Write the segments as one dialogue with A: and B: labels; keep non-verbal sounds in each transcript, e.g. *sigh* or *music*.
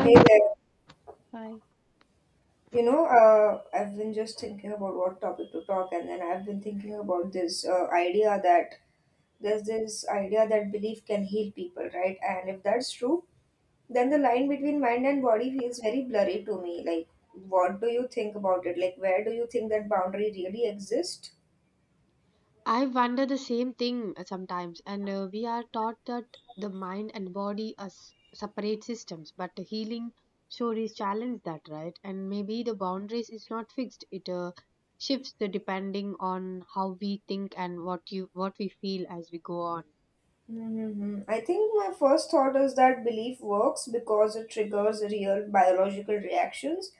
A: Hey there.
B: hi.
A: I've been just thinking about what topic to talk, and then I've been thinking about this idea that there's this idea that belief can heal people, right? And if that's true, then the line between mind and body feels very blurry to me. Like, what do you think about it? Like, where do you think that boundary really exists?
B: I wonder the same thing sometimes, and we are taught that the mind and body are separate systems, but the healing stories challenge that, right? And maybe the boundaries is not fixed; it shifts the depending on how we think and what we feel as we go on.
A: I think my first thought is that belief works because it triggers real biological reactions,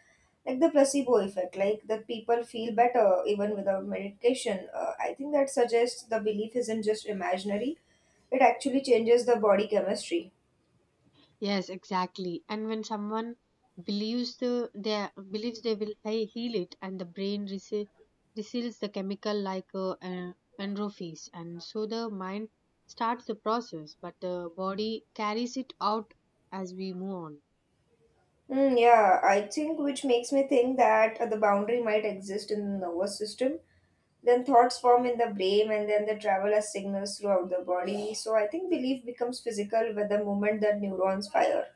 A: like the placebo effect, like that people feel better even without medication. I think that suggests the belief isn't just imaginary, it actually changes the body chemistry.
B: Yes, exactly. And when someone believes the they believes they will heal it, and the brain receives the chemical like endorphins, and so the mind starts the process, but the body carries it out as we move on.
A: Mm, yeah, I think which makes me think that the boundary might exist in the nervous system. Then thoughts form in the brain and then they travel as signals throughout the body. So I think belief becomes physical with the moment that neurons fire.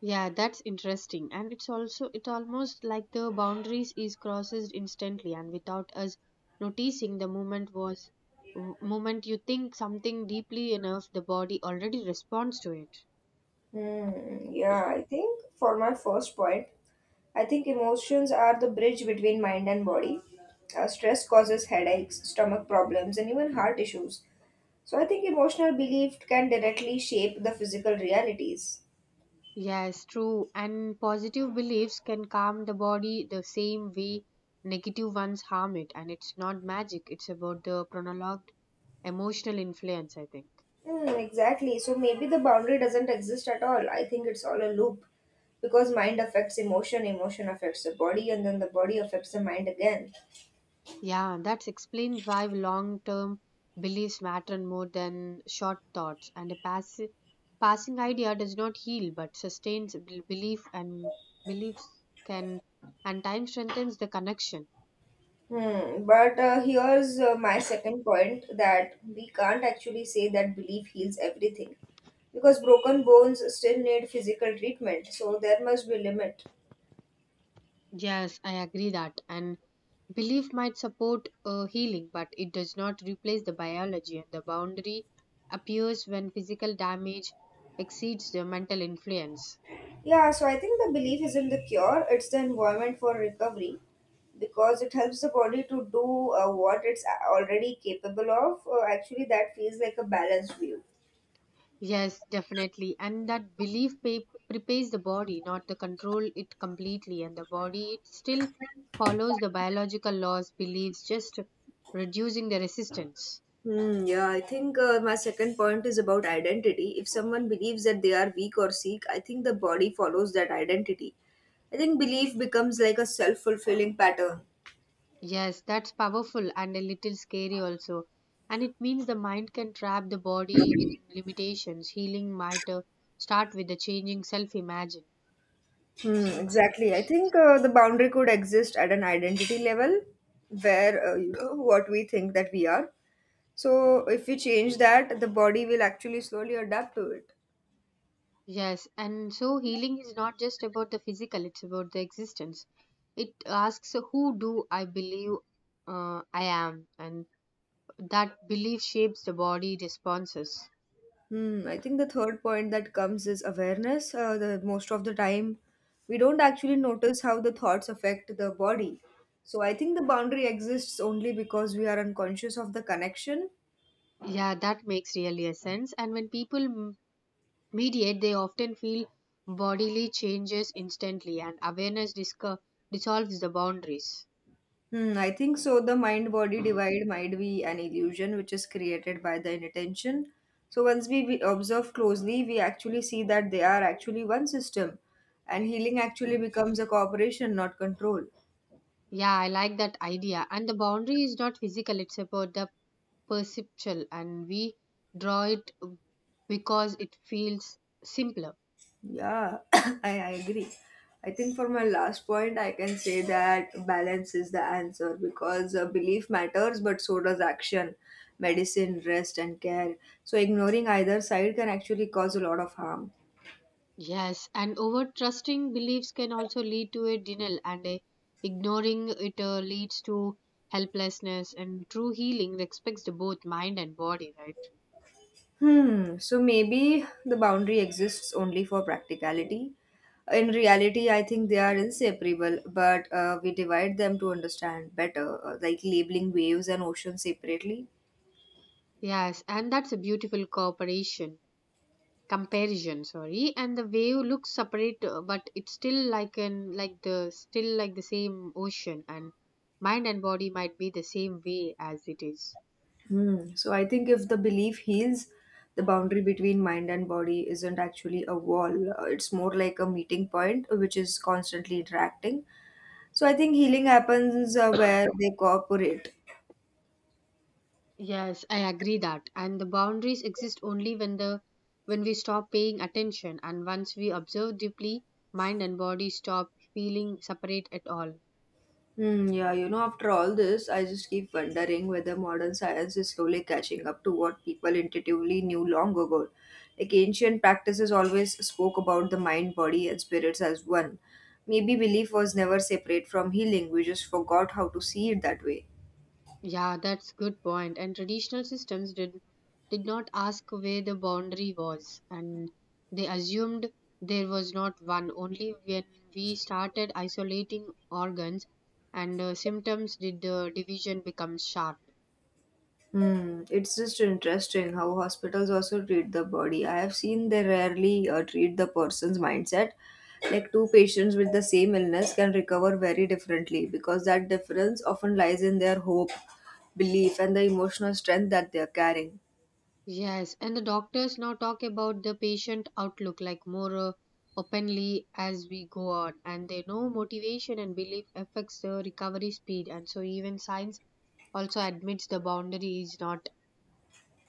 B: Yeah, that's interesting, and it almost like the boundaries is crosses instantly and without us noticing. The moment you think something deeply enough, the body already responds to it.
A: Hmm, yeah, I think for my first point, I think emotions are the bridge between mind and body. Stress causes headaches, stomach problems, and even heart issues. So I think emotional belief can directly shape the physical realities.
B: Yes, true. And positive beliefs can calm the body the same way negative ones harm it. And it's not magic, it's about the prolonged emotional influence, I think.
A: Mm, exactly. So maybe the boundary doesn't exist at all. I think it's all a loop because mind affects emotion, emotion affects the body, and then the body affects the mind again.
B: Yeah, that explains why long term beliefs matter more than short thoughts. And a passing idea does not heal but sustains belief, and beliefs can and time strengthens the connection.
A: Hmm. But here's my second point, that we can't actually say that belief heals everything because broken bones still need physical treatment. So there must be limit.
B: Yes, I agree that. And belief might support healing, but it does not replace the biology, and the boundary appears when physical damage exceeds the mental influence.
A: Yeah, so I think the belief isn't the cure, it's the environment for recovery because it helps the body to do what it's already capable of. Actually, that feels like a balanced view.
B: Yes, definitely. And that belief prepares the body, not to control it completely. And the body it still follows the biological laws, beliefs, just reducing the resistance.
A: Hmm, yeah, I think my second point is about identity. If someone believes that they are weak or sick, I think the body follows that identity. I think belief becomes like a self fulfilling pattern.
B: Yes, that's powerful and a little scary also. And it means the mind can trap the body in limitations. Healing might start with the changing self imagine.
A: Hmm,
B: Self
A: exactly. I
B: image.
A: think uh, the boundary could exist at an identity level where what we think that we are. So if we change that, the body will actually slowly adapt to it.
B: Yes, and so healing is not just about the physical, it's about the existence. It asks, who do I believe I am? And that belief shapes the body responses.
A: Hmm, I think the third point that comes is awareness. The most of the time, we don't actually notice how the thoughts affect the body. So I think the boundary exists only because we are unconscious of the connection.
B: Yeah, that makes really a sense. And when people mediate, they often feel bodily changes instantly, and awareness dissolves the boundaries.
A: Hmm, I think so. The mind body divide might be an illusion which is created by the intention. So, once we observe closely, we actually see that they are actually one system, and healing actually becomes a cooperation, not control.
B: Yeah, I like that idea. And the boundary is not physical, it's about the perceptual, and we draw it because it feels simpler.
A: Yeah, *coughs* I agree. I think for my last point, I can say that balance is the answer because belief matters, but so does action, medicine, rest, and care. So, ignoring either side can actually cause a lot of harm.
B: Yes, and over trusting beliefs can also lead to a denial, and a ignoring it leads to helplessness. And true healing respects the both mind and body, right?
A: Hmm, so maybe the boundary exists only for practicality. In reality, I think they are inseparable, but we divide them to understand better, like labeling waves and oceans separately.
B: Yes, and that's a beautiful cooperation. Comparison, sorry. And the wave looks separate but it's still like the same ocean, and mind and body might be the same way as it is.
A: Hmm. So I think if the belief heals, the boundary between mind and body isn't actually a wall. It's more like a meeting point, which is constantly interacting. So I think healing happens where they cooperate.
B: Yes, I agree that. And the boundaries exist only when we stop paying attention, and once we observe deeply, mind and body stop feeling separate at all.
A: Hmm, yeah, you know, after all this, I just keep wondering whether modern science is slowly catching up to what people intuitively knew long ago. Like ancient practices always spoke about the mind, body, and spirits as one. Maybe belief was never separate from healing, we just forgot how to see it that way.
B: Yeah, that's good point. And traditional systems did not ask where the boundary was, and they assumed there was not one. Only when we started isolating organs and symptoms did the division become sharp.
A: Hmm, it's just interesting how hospitals also treat the body. I have seen they rarely treat the person's mindset. Like two patients with the same illness can recover very differently because that difference often lies in their hope, belief, and the emotional strength that they are carrying.
B: Yes, and the doctors now talk about the patient outlook like more openly as we go on, and they know motivation and belief affects the recovery speed, and so even science also admits the boundary is not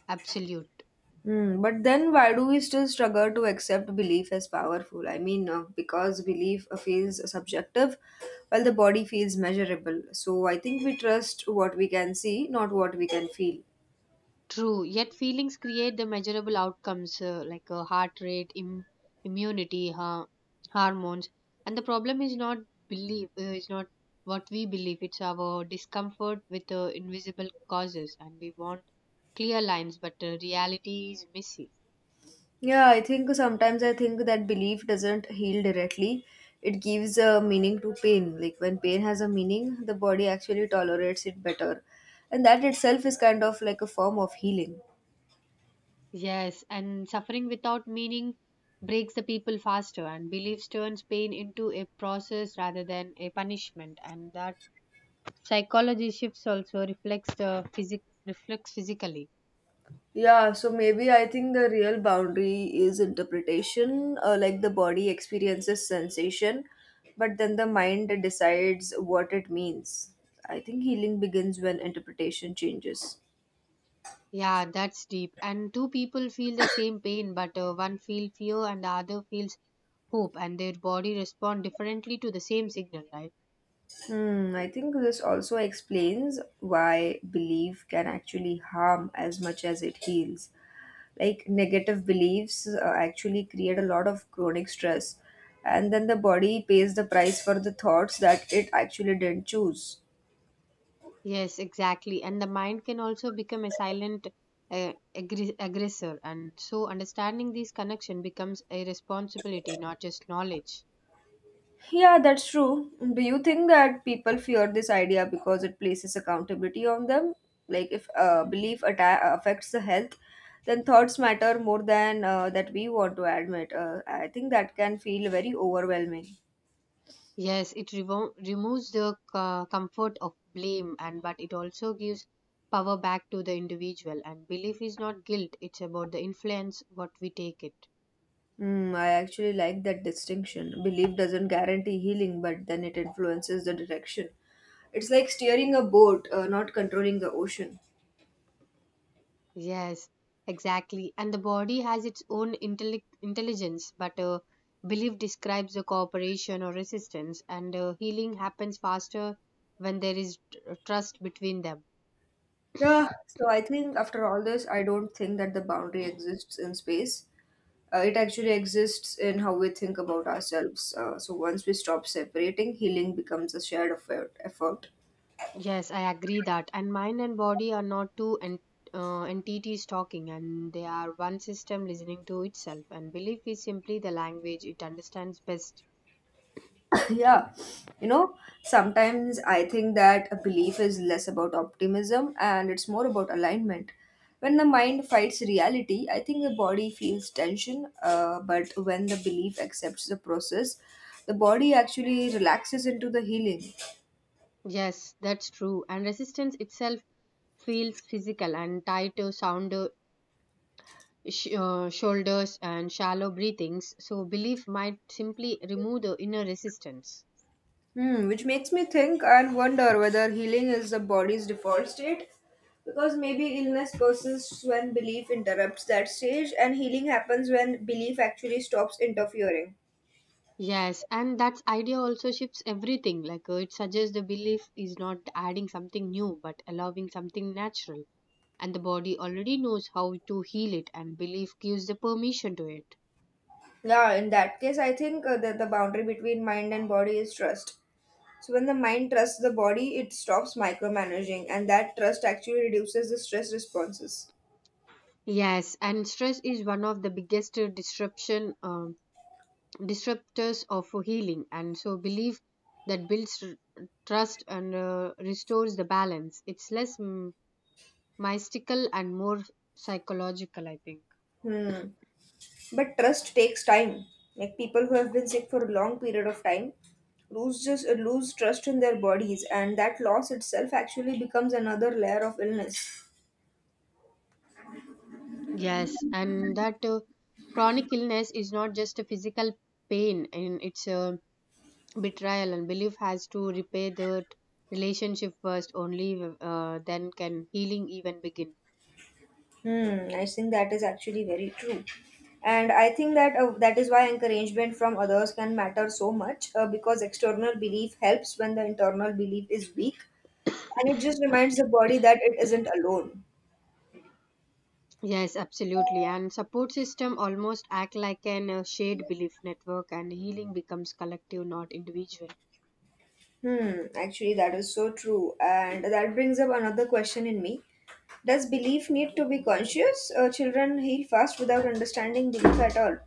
B: absolute.
A: Hmm, but then why do we still struggle to accept belief as powerful? I mean, because belief feels subjective while the body feels measurable. So I think we trust what we can see, not what we can feel.
B: True. Yet feelings create the measurable outcomes like heart rate, immunity, hormones. And the problem is not belief, is not what we believe. It's our discomfort with invisible causes, and we want clear lines, but reality is messy.
A: Yeah, I think sometimes I think that belief doesn't heal directly. It gives a meaning to pain. Like when pain has a meaning, the body actually tolerates it better. And that itself is kind of like a form of healing.
B: Yes, and suffering without meaning breaks the people faster, and beliefs turns pain into a process rather than a punishment, and that psychology shifts also reflects the physic reflects physically.
A: Yeah, so maybe I think the real boundary is interpretation, like the body experiences sensation, but then the mind decides what it means. I think healing begins when interpretation changes.
B: Yeah, that's deep. And two people feel the same pain, but one feels fear and the other feels hope, and their body respond differently to the same signal, right?
A: Hmm, I think this also explains why belief can actually harm as much as it heals. Like negative beliefs actually create a lot of chronic stress, and then the body pays the price for the thoughts that it actually didn't choose.
B: Yes, exactly. And the mind can also become a silent uh, aggressor, and so understanding these connection becomes a responsibility, not just knowledge.
A: Yeah, that's true. Do you think that people fear this idea because it places accountability on them? Like, if uh,
B: Yeah.
A: belief atta- affects the health, then thoughts matter more than that we want to admit. I think that can feel very overwhelming.
B: Yes, it removes the comfort of blame, and but it also gives power back to the individual. And belief is not guilt; it's about the influence what we take it.
A: Hmm, I actually like that distinction. Belief doesn't guarantee healing, but then it influences the direction. It's like steering a boat, not controlling the ocean.
B: Yes, exactly. And the body has its own intellect intelligence, but belief describes the cooperation or resistance, and healing happens faster when there is trust between them.
A: Yeah, so I think after all this, I don't think that the boundary exists in space. It actually exists in how we think about ourselves. So once we stop separating, healing becomes a shared effort.
B: Yes, I agree that. And mind and body are not two entities talking, and they are one system listening to itself. And belief is simply the language it understands best.
A: *coughs* yeah, you know, sometimes I think that a belief is less about optimism and it's more about alignment. When the mind fights reality, I think the body feels tension. But when the belief accepts the process, the body actually relaxes into the healing.
B: Yes, that's true. And resistance itself feels physical and tied to sound, shoulders, and shallow breathings. So, belief might simply remove the inner resistance.
A: Hmm, which makes me think and wonder whether healing is the body's default state. Because maybe illness persists when belief interrupts that stage, and healing happens when belief actually stops interfering.
B: Yes, and that idea also shifts everything. Like it suggests the belief is not adding something new, but allowing something natural. And the body already knows how to heal it, and belief gives the permission to it.
A: Yeah, in that case, I think that the boundary between mind and body is trust. So, when the mind trusts the body, it stops micromanaging, and that trust actually reduces the stress responses.
B: Yes, and stress is one of the biggest disruption disruptors of healing. And so, belief that builds trust and restores the balance. It's less mystical and more psychological, I think.
A: Hmm. But trust takes time. Like people who have been sick for a long period of time lose just lose trust in their bodies, and that loss itself actually becomes another layer of illness.
B: Yes, and that chronic illness is not just a physical pain, and it's a betrayal, and belief has to repair the relationship first. Only then can healing even begin.
A: Hmm, I think that is actually very true, and I think that that is why encouragement from others can matter so much because external belief helps when the internal belief is weak, and it just reminds the body that it isn't alone.
B: Yes, absolutely. And support system almost act like an shared belief network, and healing becomes collective, not individual.
A: Hmm, actually, that is so true. And that brings up another question in me. Does belief need to be conscious? Children heal fast without understanding belief at all.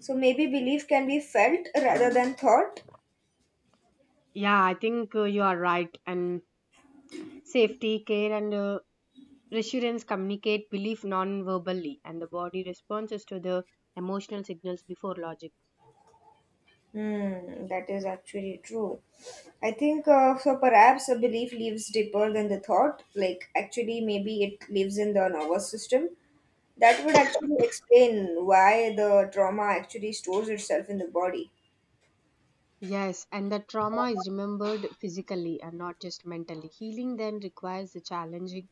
A: So maybe belief can be felt rather than thought.
B: Yeah, I think you are right. And safety, care, and reassurance communicate belief non-verbally, and the body responds to the emotional signals before logic.
A: Hmm, that is actually true. I think so. Perhaps a belief lives deeper than the thought. Like actually, maybe it lives in the nervous system. That would actually explain why the trauma actually stores itself in the body.
B: Yes, and the trauma is remembered physically and not just mentally. Healing then requires the challenging,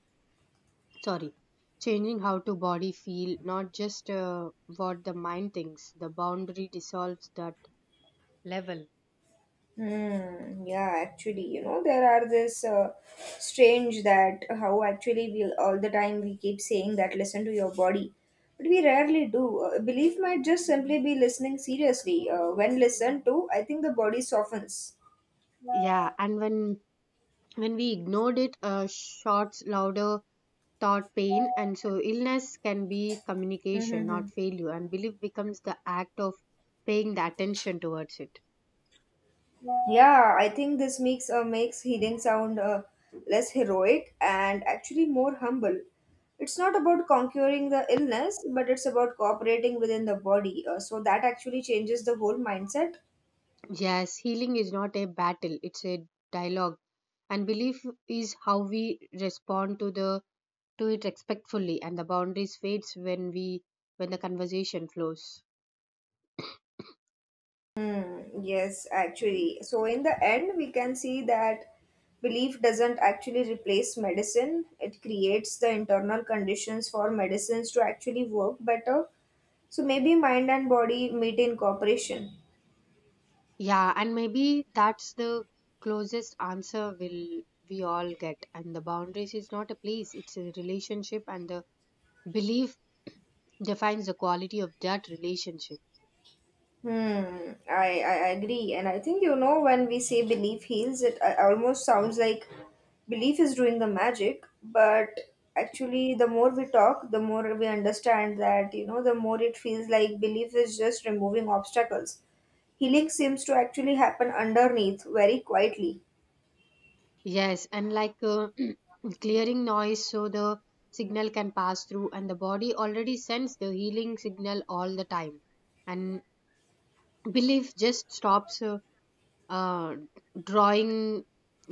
B: sorry, changing how to body feel, not just what the mind thinks. The boundary dissolves that level.
A: Hmm. Yeah, actually, you know, there are this strange that how actually we all the time we keep saying that listen to your body, but we rarely do. Belief might just simply be listening seriously. When listened to, I think the body softens.
B: Yeah, and when we ignored it, uh shouts louder thought pain, and so illness can be communication
A: Mm-hmm.
B: not failure, and belief becomes the act of paying the attention towards it.
A: Yeah, I think this makes healing sound less heroic and actually more humble. It's not about conquering the illness, but it's about cooperating within the body. So that actually changes the whole mindset.
B: Yes, healing is not a battle, it's a dialogue, and belief is how we respond to the to it respectfully, and the boundaries fades when the conversation flows.
A: Hmm, yes, actually. So, in the end, we can see that belief doesn't actually replace medicine, it creates the internal conditions for medicines to actually work better. So, maybe mind and body meet in cooperation.
B: Yeah, and maybe that's the closest answer will we all get, and the boundaries is not a place, it's a relationship, and the belief defines the quality of that relationship.
A: Hmm, I agree. And I think, you know, when we say belief heals, it almost sounds like belief is doing the magic. But actually, the more we talk, the more we understand that, you know, the more it feels like belief is just removing obstacles. Healing seems to actually happen underneath very quietly.
B: Yes, and like *clears throat* clearing noise so the signal can pass through, and the body already sends the healing signal all the time. And *clears throat* belief just stops uh, drawing,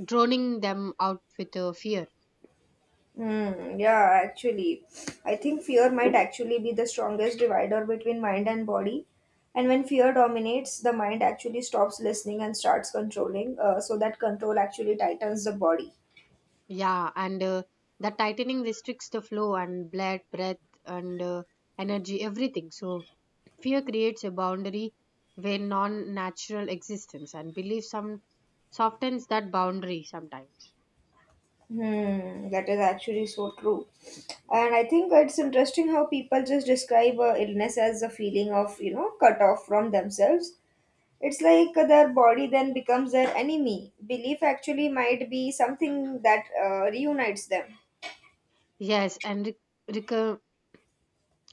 B: droning them out with fear.
A: Hmm, yeah, actually, I think fear might actually be the strongest divider between mind and body. And when fear dominates, the mind actually stops listening and starts controlling. So that control actually tightens the body.
B: Yeah, and the tightening restricts the flow and blood, breath, and energy, everything. So, fear creates a boundary where non natural existence and belief some softens that boundary sometimes.
A: Hmm, that is actually so true. And I think it's interesting how people just describe illness as a feeling of, you know, cut off from themselves. It's like their body then becomes their enemy. Belief actually might be something that reunites them.
B: Yes, and reco-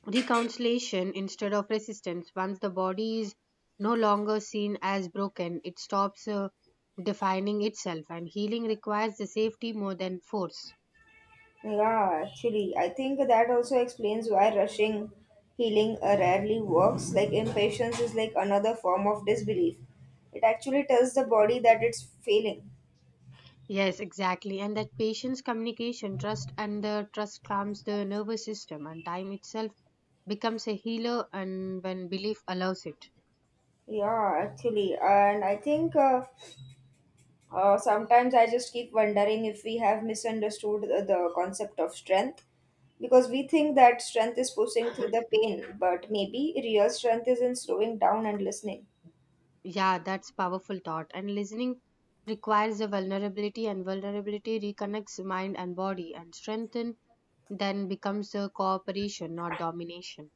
B: reconciliation instead of resistance. Once the body is no longer seen as broken, it stops defining itself, and healing requires the safety more than force.
A: Yeah, actually, I think that also explains why rushing healing rarely works. Like, impatience is like another form of disbelief. It actually tells the body that it's failing.
B: Yes, exactly. And that patience, communication, trust, and the trust calms the nervous system, and time itself becomes a healer, and when belief allows it.
A: Yeah, actually. And I think sometimes I just keep wondering if we have misunderstood the concept of strength, because we think that strength is pushing through the pain, but maybe real strength is in slowing down and listening.
B: Yeah, that's powerful thought. And listening requires a vulnerability, and vulnerability reconnects mind and body, and strengthen then becomes a cooperation, not domination.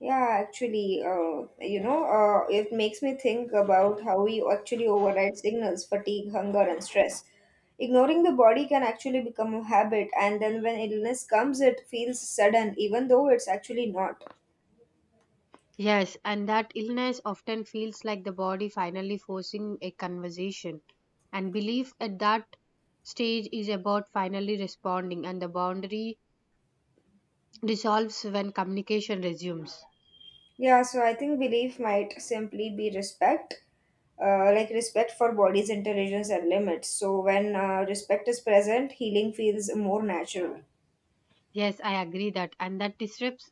A: Yeah, actually, it makes me think about how we actually override signals, fatigue, hunger, and stress. Ignoring the body can actually become a habit, and then when illness comes, it feels sudden, even though it's actually not.
B: Yes, and that illness often feels like the body finally forcing a conversation. And belief at that stage is about finally responding, and the boundary dissolves when communication resumes.
A: Yeah, so I think belief might simply be respect, like respect for body's intelligence and limits. So when respect is present, healing feels more natural.
B: Yes, I agree that, and that disrupts,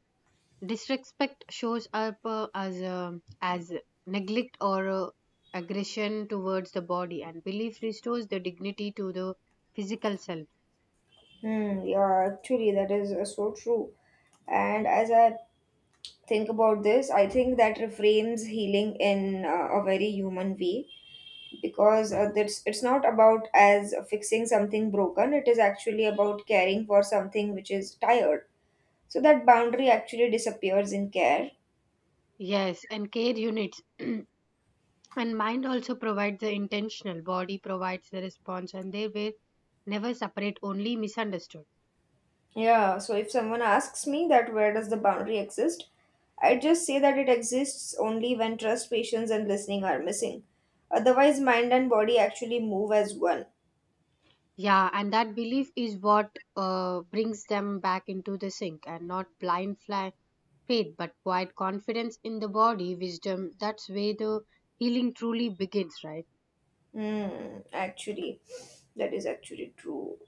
B: disrespect shows up as neglect or aggression towards the body, and belief restores the dignity to the physical self.
A: Hmm, yeah, actually, that is so true. And as I think about this, I think that reframes healing in a very human way, because it's not about as fixing something broken, it is actually about caring for something which is tired. So that boundary actually disappears in care.
B: Yes, and care units. *clears throat* And mind also provides the intentional, body provides the response, and they were never separate, only misunderstood.
A: Yeah, so if someone asks me that where does the boundary exist, I just say that it exists only when trust, patience, and listening are missing. Otherwise, mind and body actually move as one.
B: Yeah, and that belief is what brings them back into the sink and not blind fly faith, but quiet confidence in the body, wisdom. That's where the healing truly begins, right?
A: Hmm, actually, that is actually true.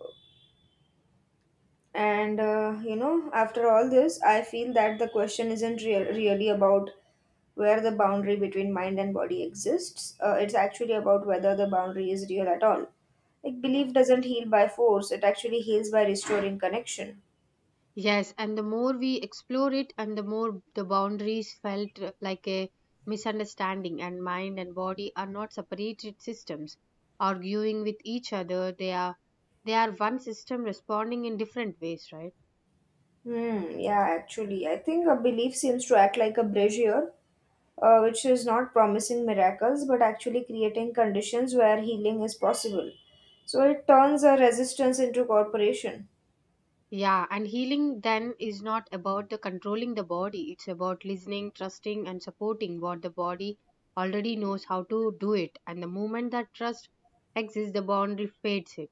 A: And after all this, I feel that the question isn't really about where the boundary between mind and body exists. It's actually about whether the boundary is real at all. Like belief doesn't heal by force; it actually heals by restoring connection.
B: Yes, and the more we explore it, and the more the boundaries felt like a misunderstanding, and mind and body are not separated systems arguing with each other. They are one system responding in different ways, right?
A: Hmm. Yeah. Actually, I think a belief seems to act like a bridge here, which is not promising miracles, but actually creating conditions where healing is possible. So it turns a resistance into cooperation.
B: Yeah, and healing then is not about the controlling the body. It's about listening, trusting, and supporting what the body already knows how to do it. And the moment that trust exists, the boundary fades it.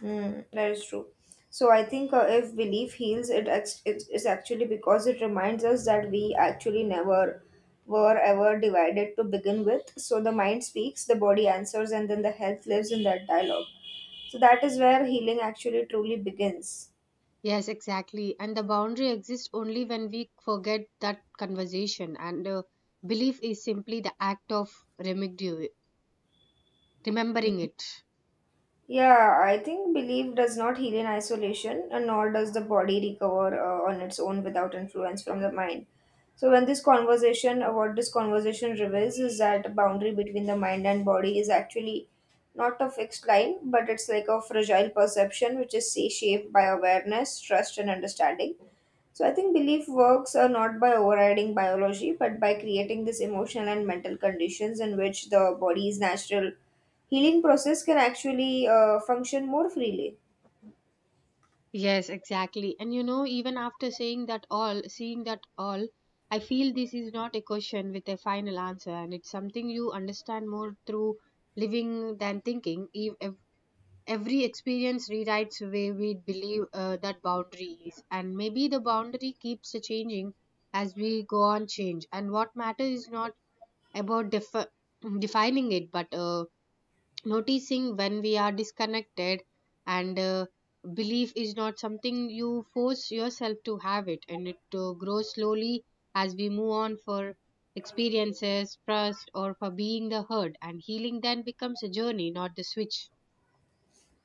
A: Mm, that is true. So I think if belief heals, it is actually because it reminds us that we actually never were ever divided to begin with. So the mind speaks, the body answers, and then the health lives in that dialogue. So that is where healing actually truly begins.
B: Yes, exactly. And the boundary exists only when we forget that conversation, and belief is simply the act of remedi- remembering it.
A: Yeah, I think belief does not heal in isolation, and nor does the body recover on its own without influence from the mind. So, when this conversation, what this conversation reveals is that boundary between the mind and body is actually not a fixed line, but it's like a fragile perception which is, say, shaped by awareness, trust, and understanding. So I think belief works not by overriding biology, but by creating this emotional and mental conditions in which the body's natural healing process can actually function more freely.
B: Yes, exactly. And you know, even after saying that all, seeing that all, I feel this is not a question with a final answer, and it's something you understand more through living than thinking. Every experience rewrites the way we believe that boundary is, and maybe the boundary keeps changing as we go on change, and what matters is not about defining it but noticing when we are disconnected and belief is not something you force yourself to have it, and it grows slowly as we move on for experiences, trust, or for being the hurt, and healing then becomes a journey, not the switch.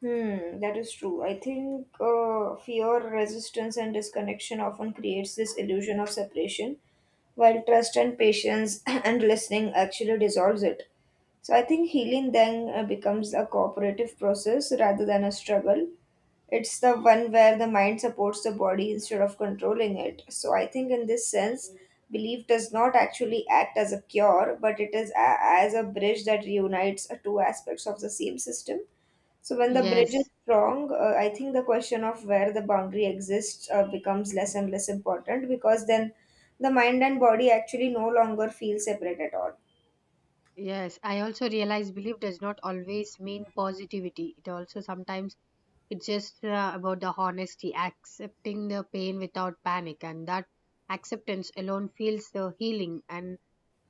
A: Hmm, that is true. I think fear, resistance, and disconnection often creates this illusion of separation, while trust and patience *clears throat* and listening actually dissolves it. So I think healing then becomes a cooperative process rather than a struggle. It's the one where the mind supports the body instead of controlling it. So I think in this sense, belief does not actually act as a cure, but it is as a bridge that reunites two aspects of the same system. So when the bridge is
B: Yes.
A: strong, I think the question of where the boundary exists becomes less and less important, because then the mind and body actually no longer feel separate at all.
B: Yes, I also realize belief does not always mean positivity. It also sometimes it's just about the honesty, accepting the pain without panic, and that acceptance alone feels the healing. And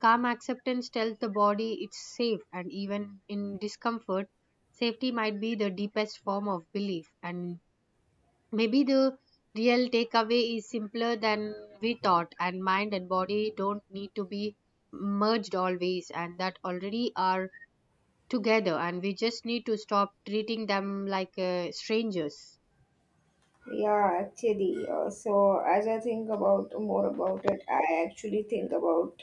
B: calm acceptance tells the body it's safe, and even in discomfort, safety might be the deepest form of belief. And maybe the real takeaway is simpler than we thought, and mind and body don't need to be merged always, and that already are together, and we just need to stop treating them like strangers.
A: Yeah, actually. So as I think about more about it, I actually think about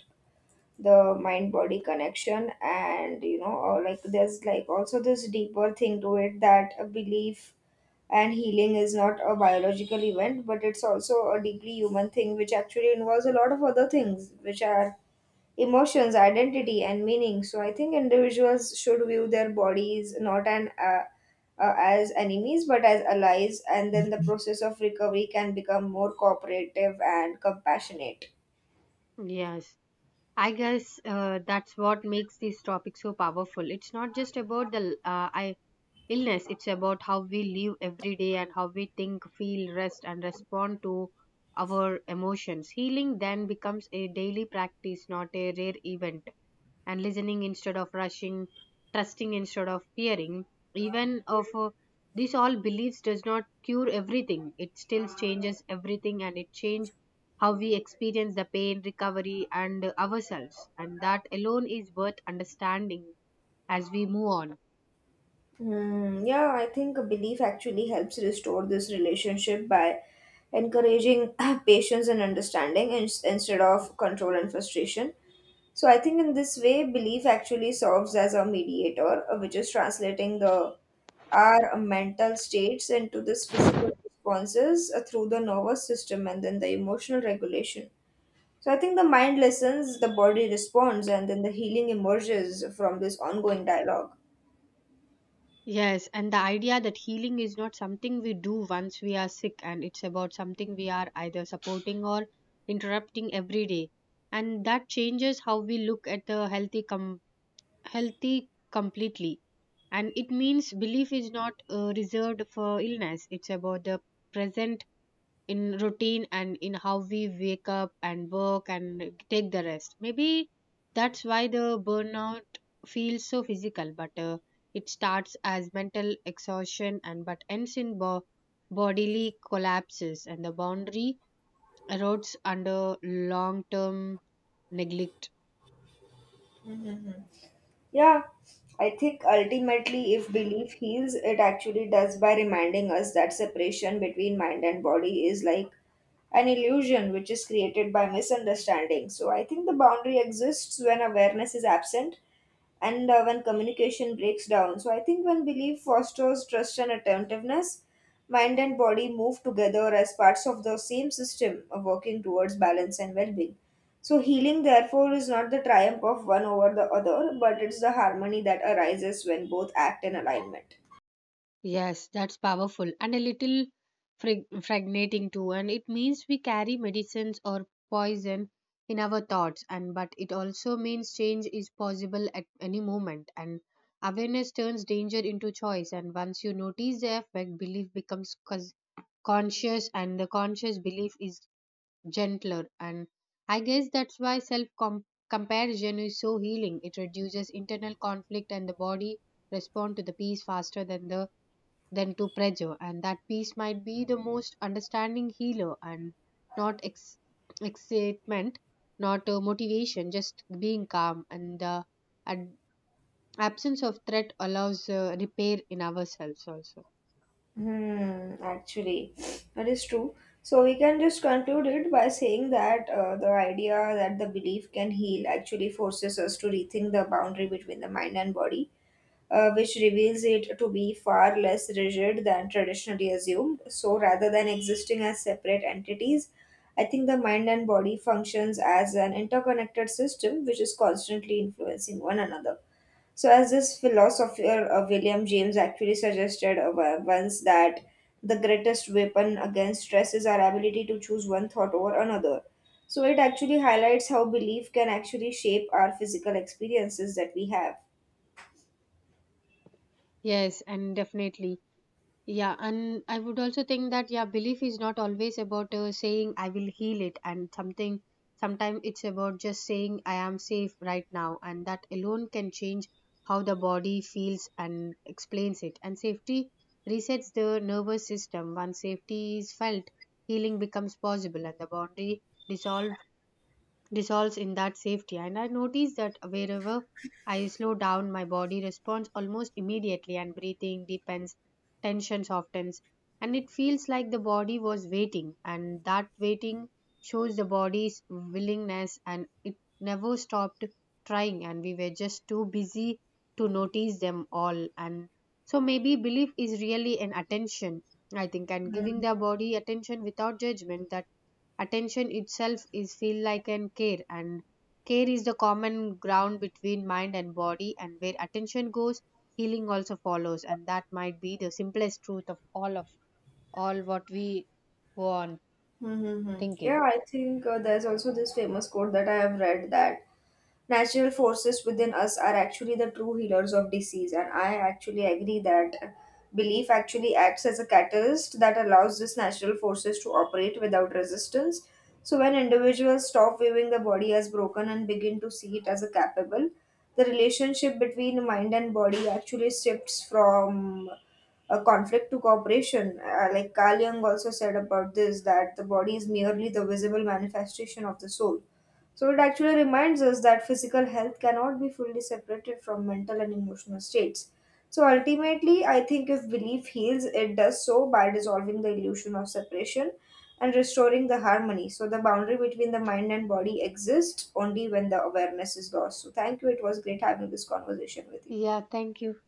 A: the mind body connection, and you know, or like there's like also this deeper thing to it, that a belief and healing is not a biological event, but it's also a deeply human thing which actually involves a lot of other things which are emotions, identity, and meaning. So I think individuals should view their bodies not an as enemies but as allies, and then the process of recovery can become more cooperative and compassionate.
B: Yes, I guess that's what makes this topic so powerful. It's not just about the I illness. It's about how we live every day and how we think, feel, rest, and respond to our emotions. Healing then becomes a daily practice, not a rare event, and listening instead of rushing, trusting instead of fearing, even of these all beliefs does not cure everything, it still changes everything, and it change how we experience the pain, recovery, and ourselves, and that alone is worth understanding as we move on.
A: Hmm, yeah, I think a belief actually helps restore this relationship by encouraging *clears throat* patience and understanding instead of control and frustration. So I think in this way, belief actually serves as a mediator, which is translating the our mental states into this physical responses through the nervous system and then the emotional regulation. So I think the mind listens, the body responds, and then the healing emerges from this ongoing dialog.
B: Yes, and the idea that healing is not something we do once we are sick, and it's about something we are either supporting or interrupting every day. And that changes how we look at the healthy completely. And it means belief is not reserved for illness. It's about the present in routine and in how we wake up and work and take the rest. Maybe that's why the burnout feels so physical, but it starts as mental exhaustion and but ends in bodily collapses, and the boundary erodes under long term neglect.
A: Mhm. Yeah, I think ultimately, if belief heals, it actually does by reminding us that separation between mind and body is like an illusion which is created by misunderstanding. So I think the boundary exists when awareness is absent, and when communication breaks down. So I think when belief fosters trust and attentiveness, mind and body move together as parts of the same system, working towards balance and well being. So healing, therefore, is not the triumph of one over the other, but it's the harmony that arises when both act in alignment.
B: Yes, that's powerful and a little fragmenting too. And it means we carry medicines or poison in our thoughts, and but it also means change is possible at any moment. And awareness turns danger into choice. And once you notice the effect, belief becomes conscious, and the conscious belief is gentler. And I guess that's why self com comparison is so healing. It reduces internal conflict, and the body respond to the peace faster than the than to pressure, and that peace might be the most understanding healer, and not excitement, not motivation, just being calm, and the ad- absence of threat allows repair in ourselves also.
A: Hmm, actually, that is true. So we can just conclude it by saying that the idea that the belief can heal actually forces us to rethink the boundary between the mind and body, which reveals it to be far less rigid than traditionally assumed. So, rather than existing as separate entities, I think the mind and body functions as an interconnected system which is constantly influencing one another. So, as this philosopher William James actually suggested once, that the greatest weapon against stress is our ability to choose one thought over another. So, it actually highlights how belief can actually shape our physical experiences that we have.
B: Yes, and definitely. Yeah, and I would also think that, yeah, belief is not always about saying I will heal it, and something. Sometimes it's about just saying I am safe right now, and that alone can change how the body feels and explains it. And safety resets the nervous system. Once safety is felt, healing becomes possible, and the boundary dissolves dissolves in that safety. And I notice that wherever I slow down, my body responds almost immediately, and breathing deepens, tension softens, and it feels like the body was waiting. And that waiting shows the body's willingness, and it never stopped trying. And we were just too busy to notice them all. And so maybe belief is really an attention, I think, and giving the body attention without judgment, that attention itself is feel like an care, and care is the common ground between mind and body, and where attention goes healing also follows, and that might be the simplest truth of all what we go on
A: Mm-hmm. Yeah,
B: thinking.
A: I think there's also this famous quote that I have read, that natural forces within us are actually the true healers of disease, and I actually agree that belief actually acts as a catalyst that allows these natural forces to operate without resistance. So when individuals stop viewing the body as broken and begin to see it as a capable, the relationship between mind and body actually shifts from a conflict to cooperation. Like Carl Jung also said about this, that the body is merely the visible manifestation of the soul. So it actually reminds us that physical health cannot be fully separated from mental and emotional states. So ultimately, I think if belief heals, it does so by dissolving the illusion of separation and restoring the harmony. So the boundary between the mind and body exists only when the awareness is lost. So thank you. It was great having this conversation with you.
B: Yeah, thank you.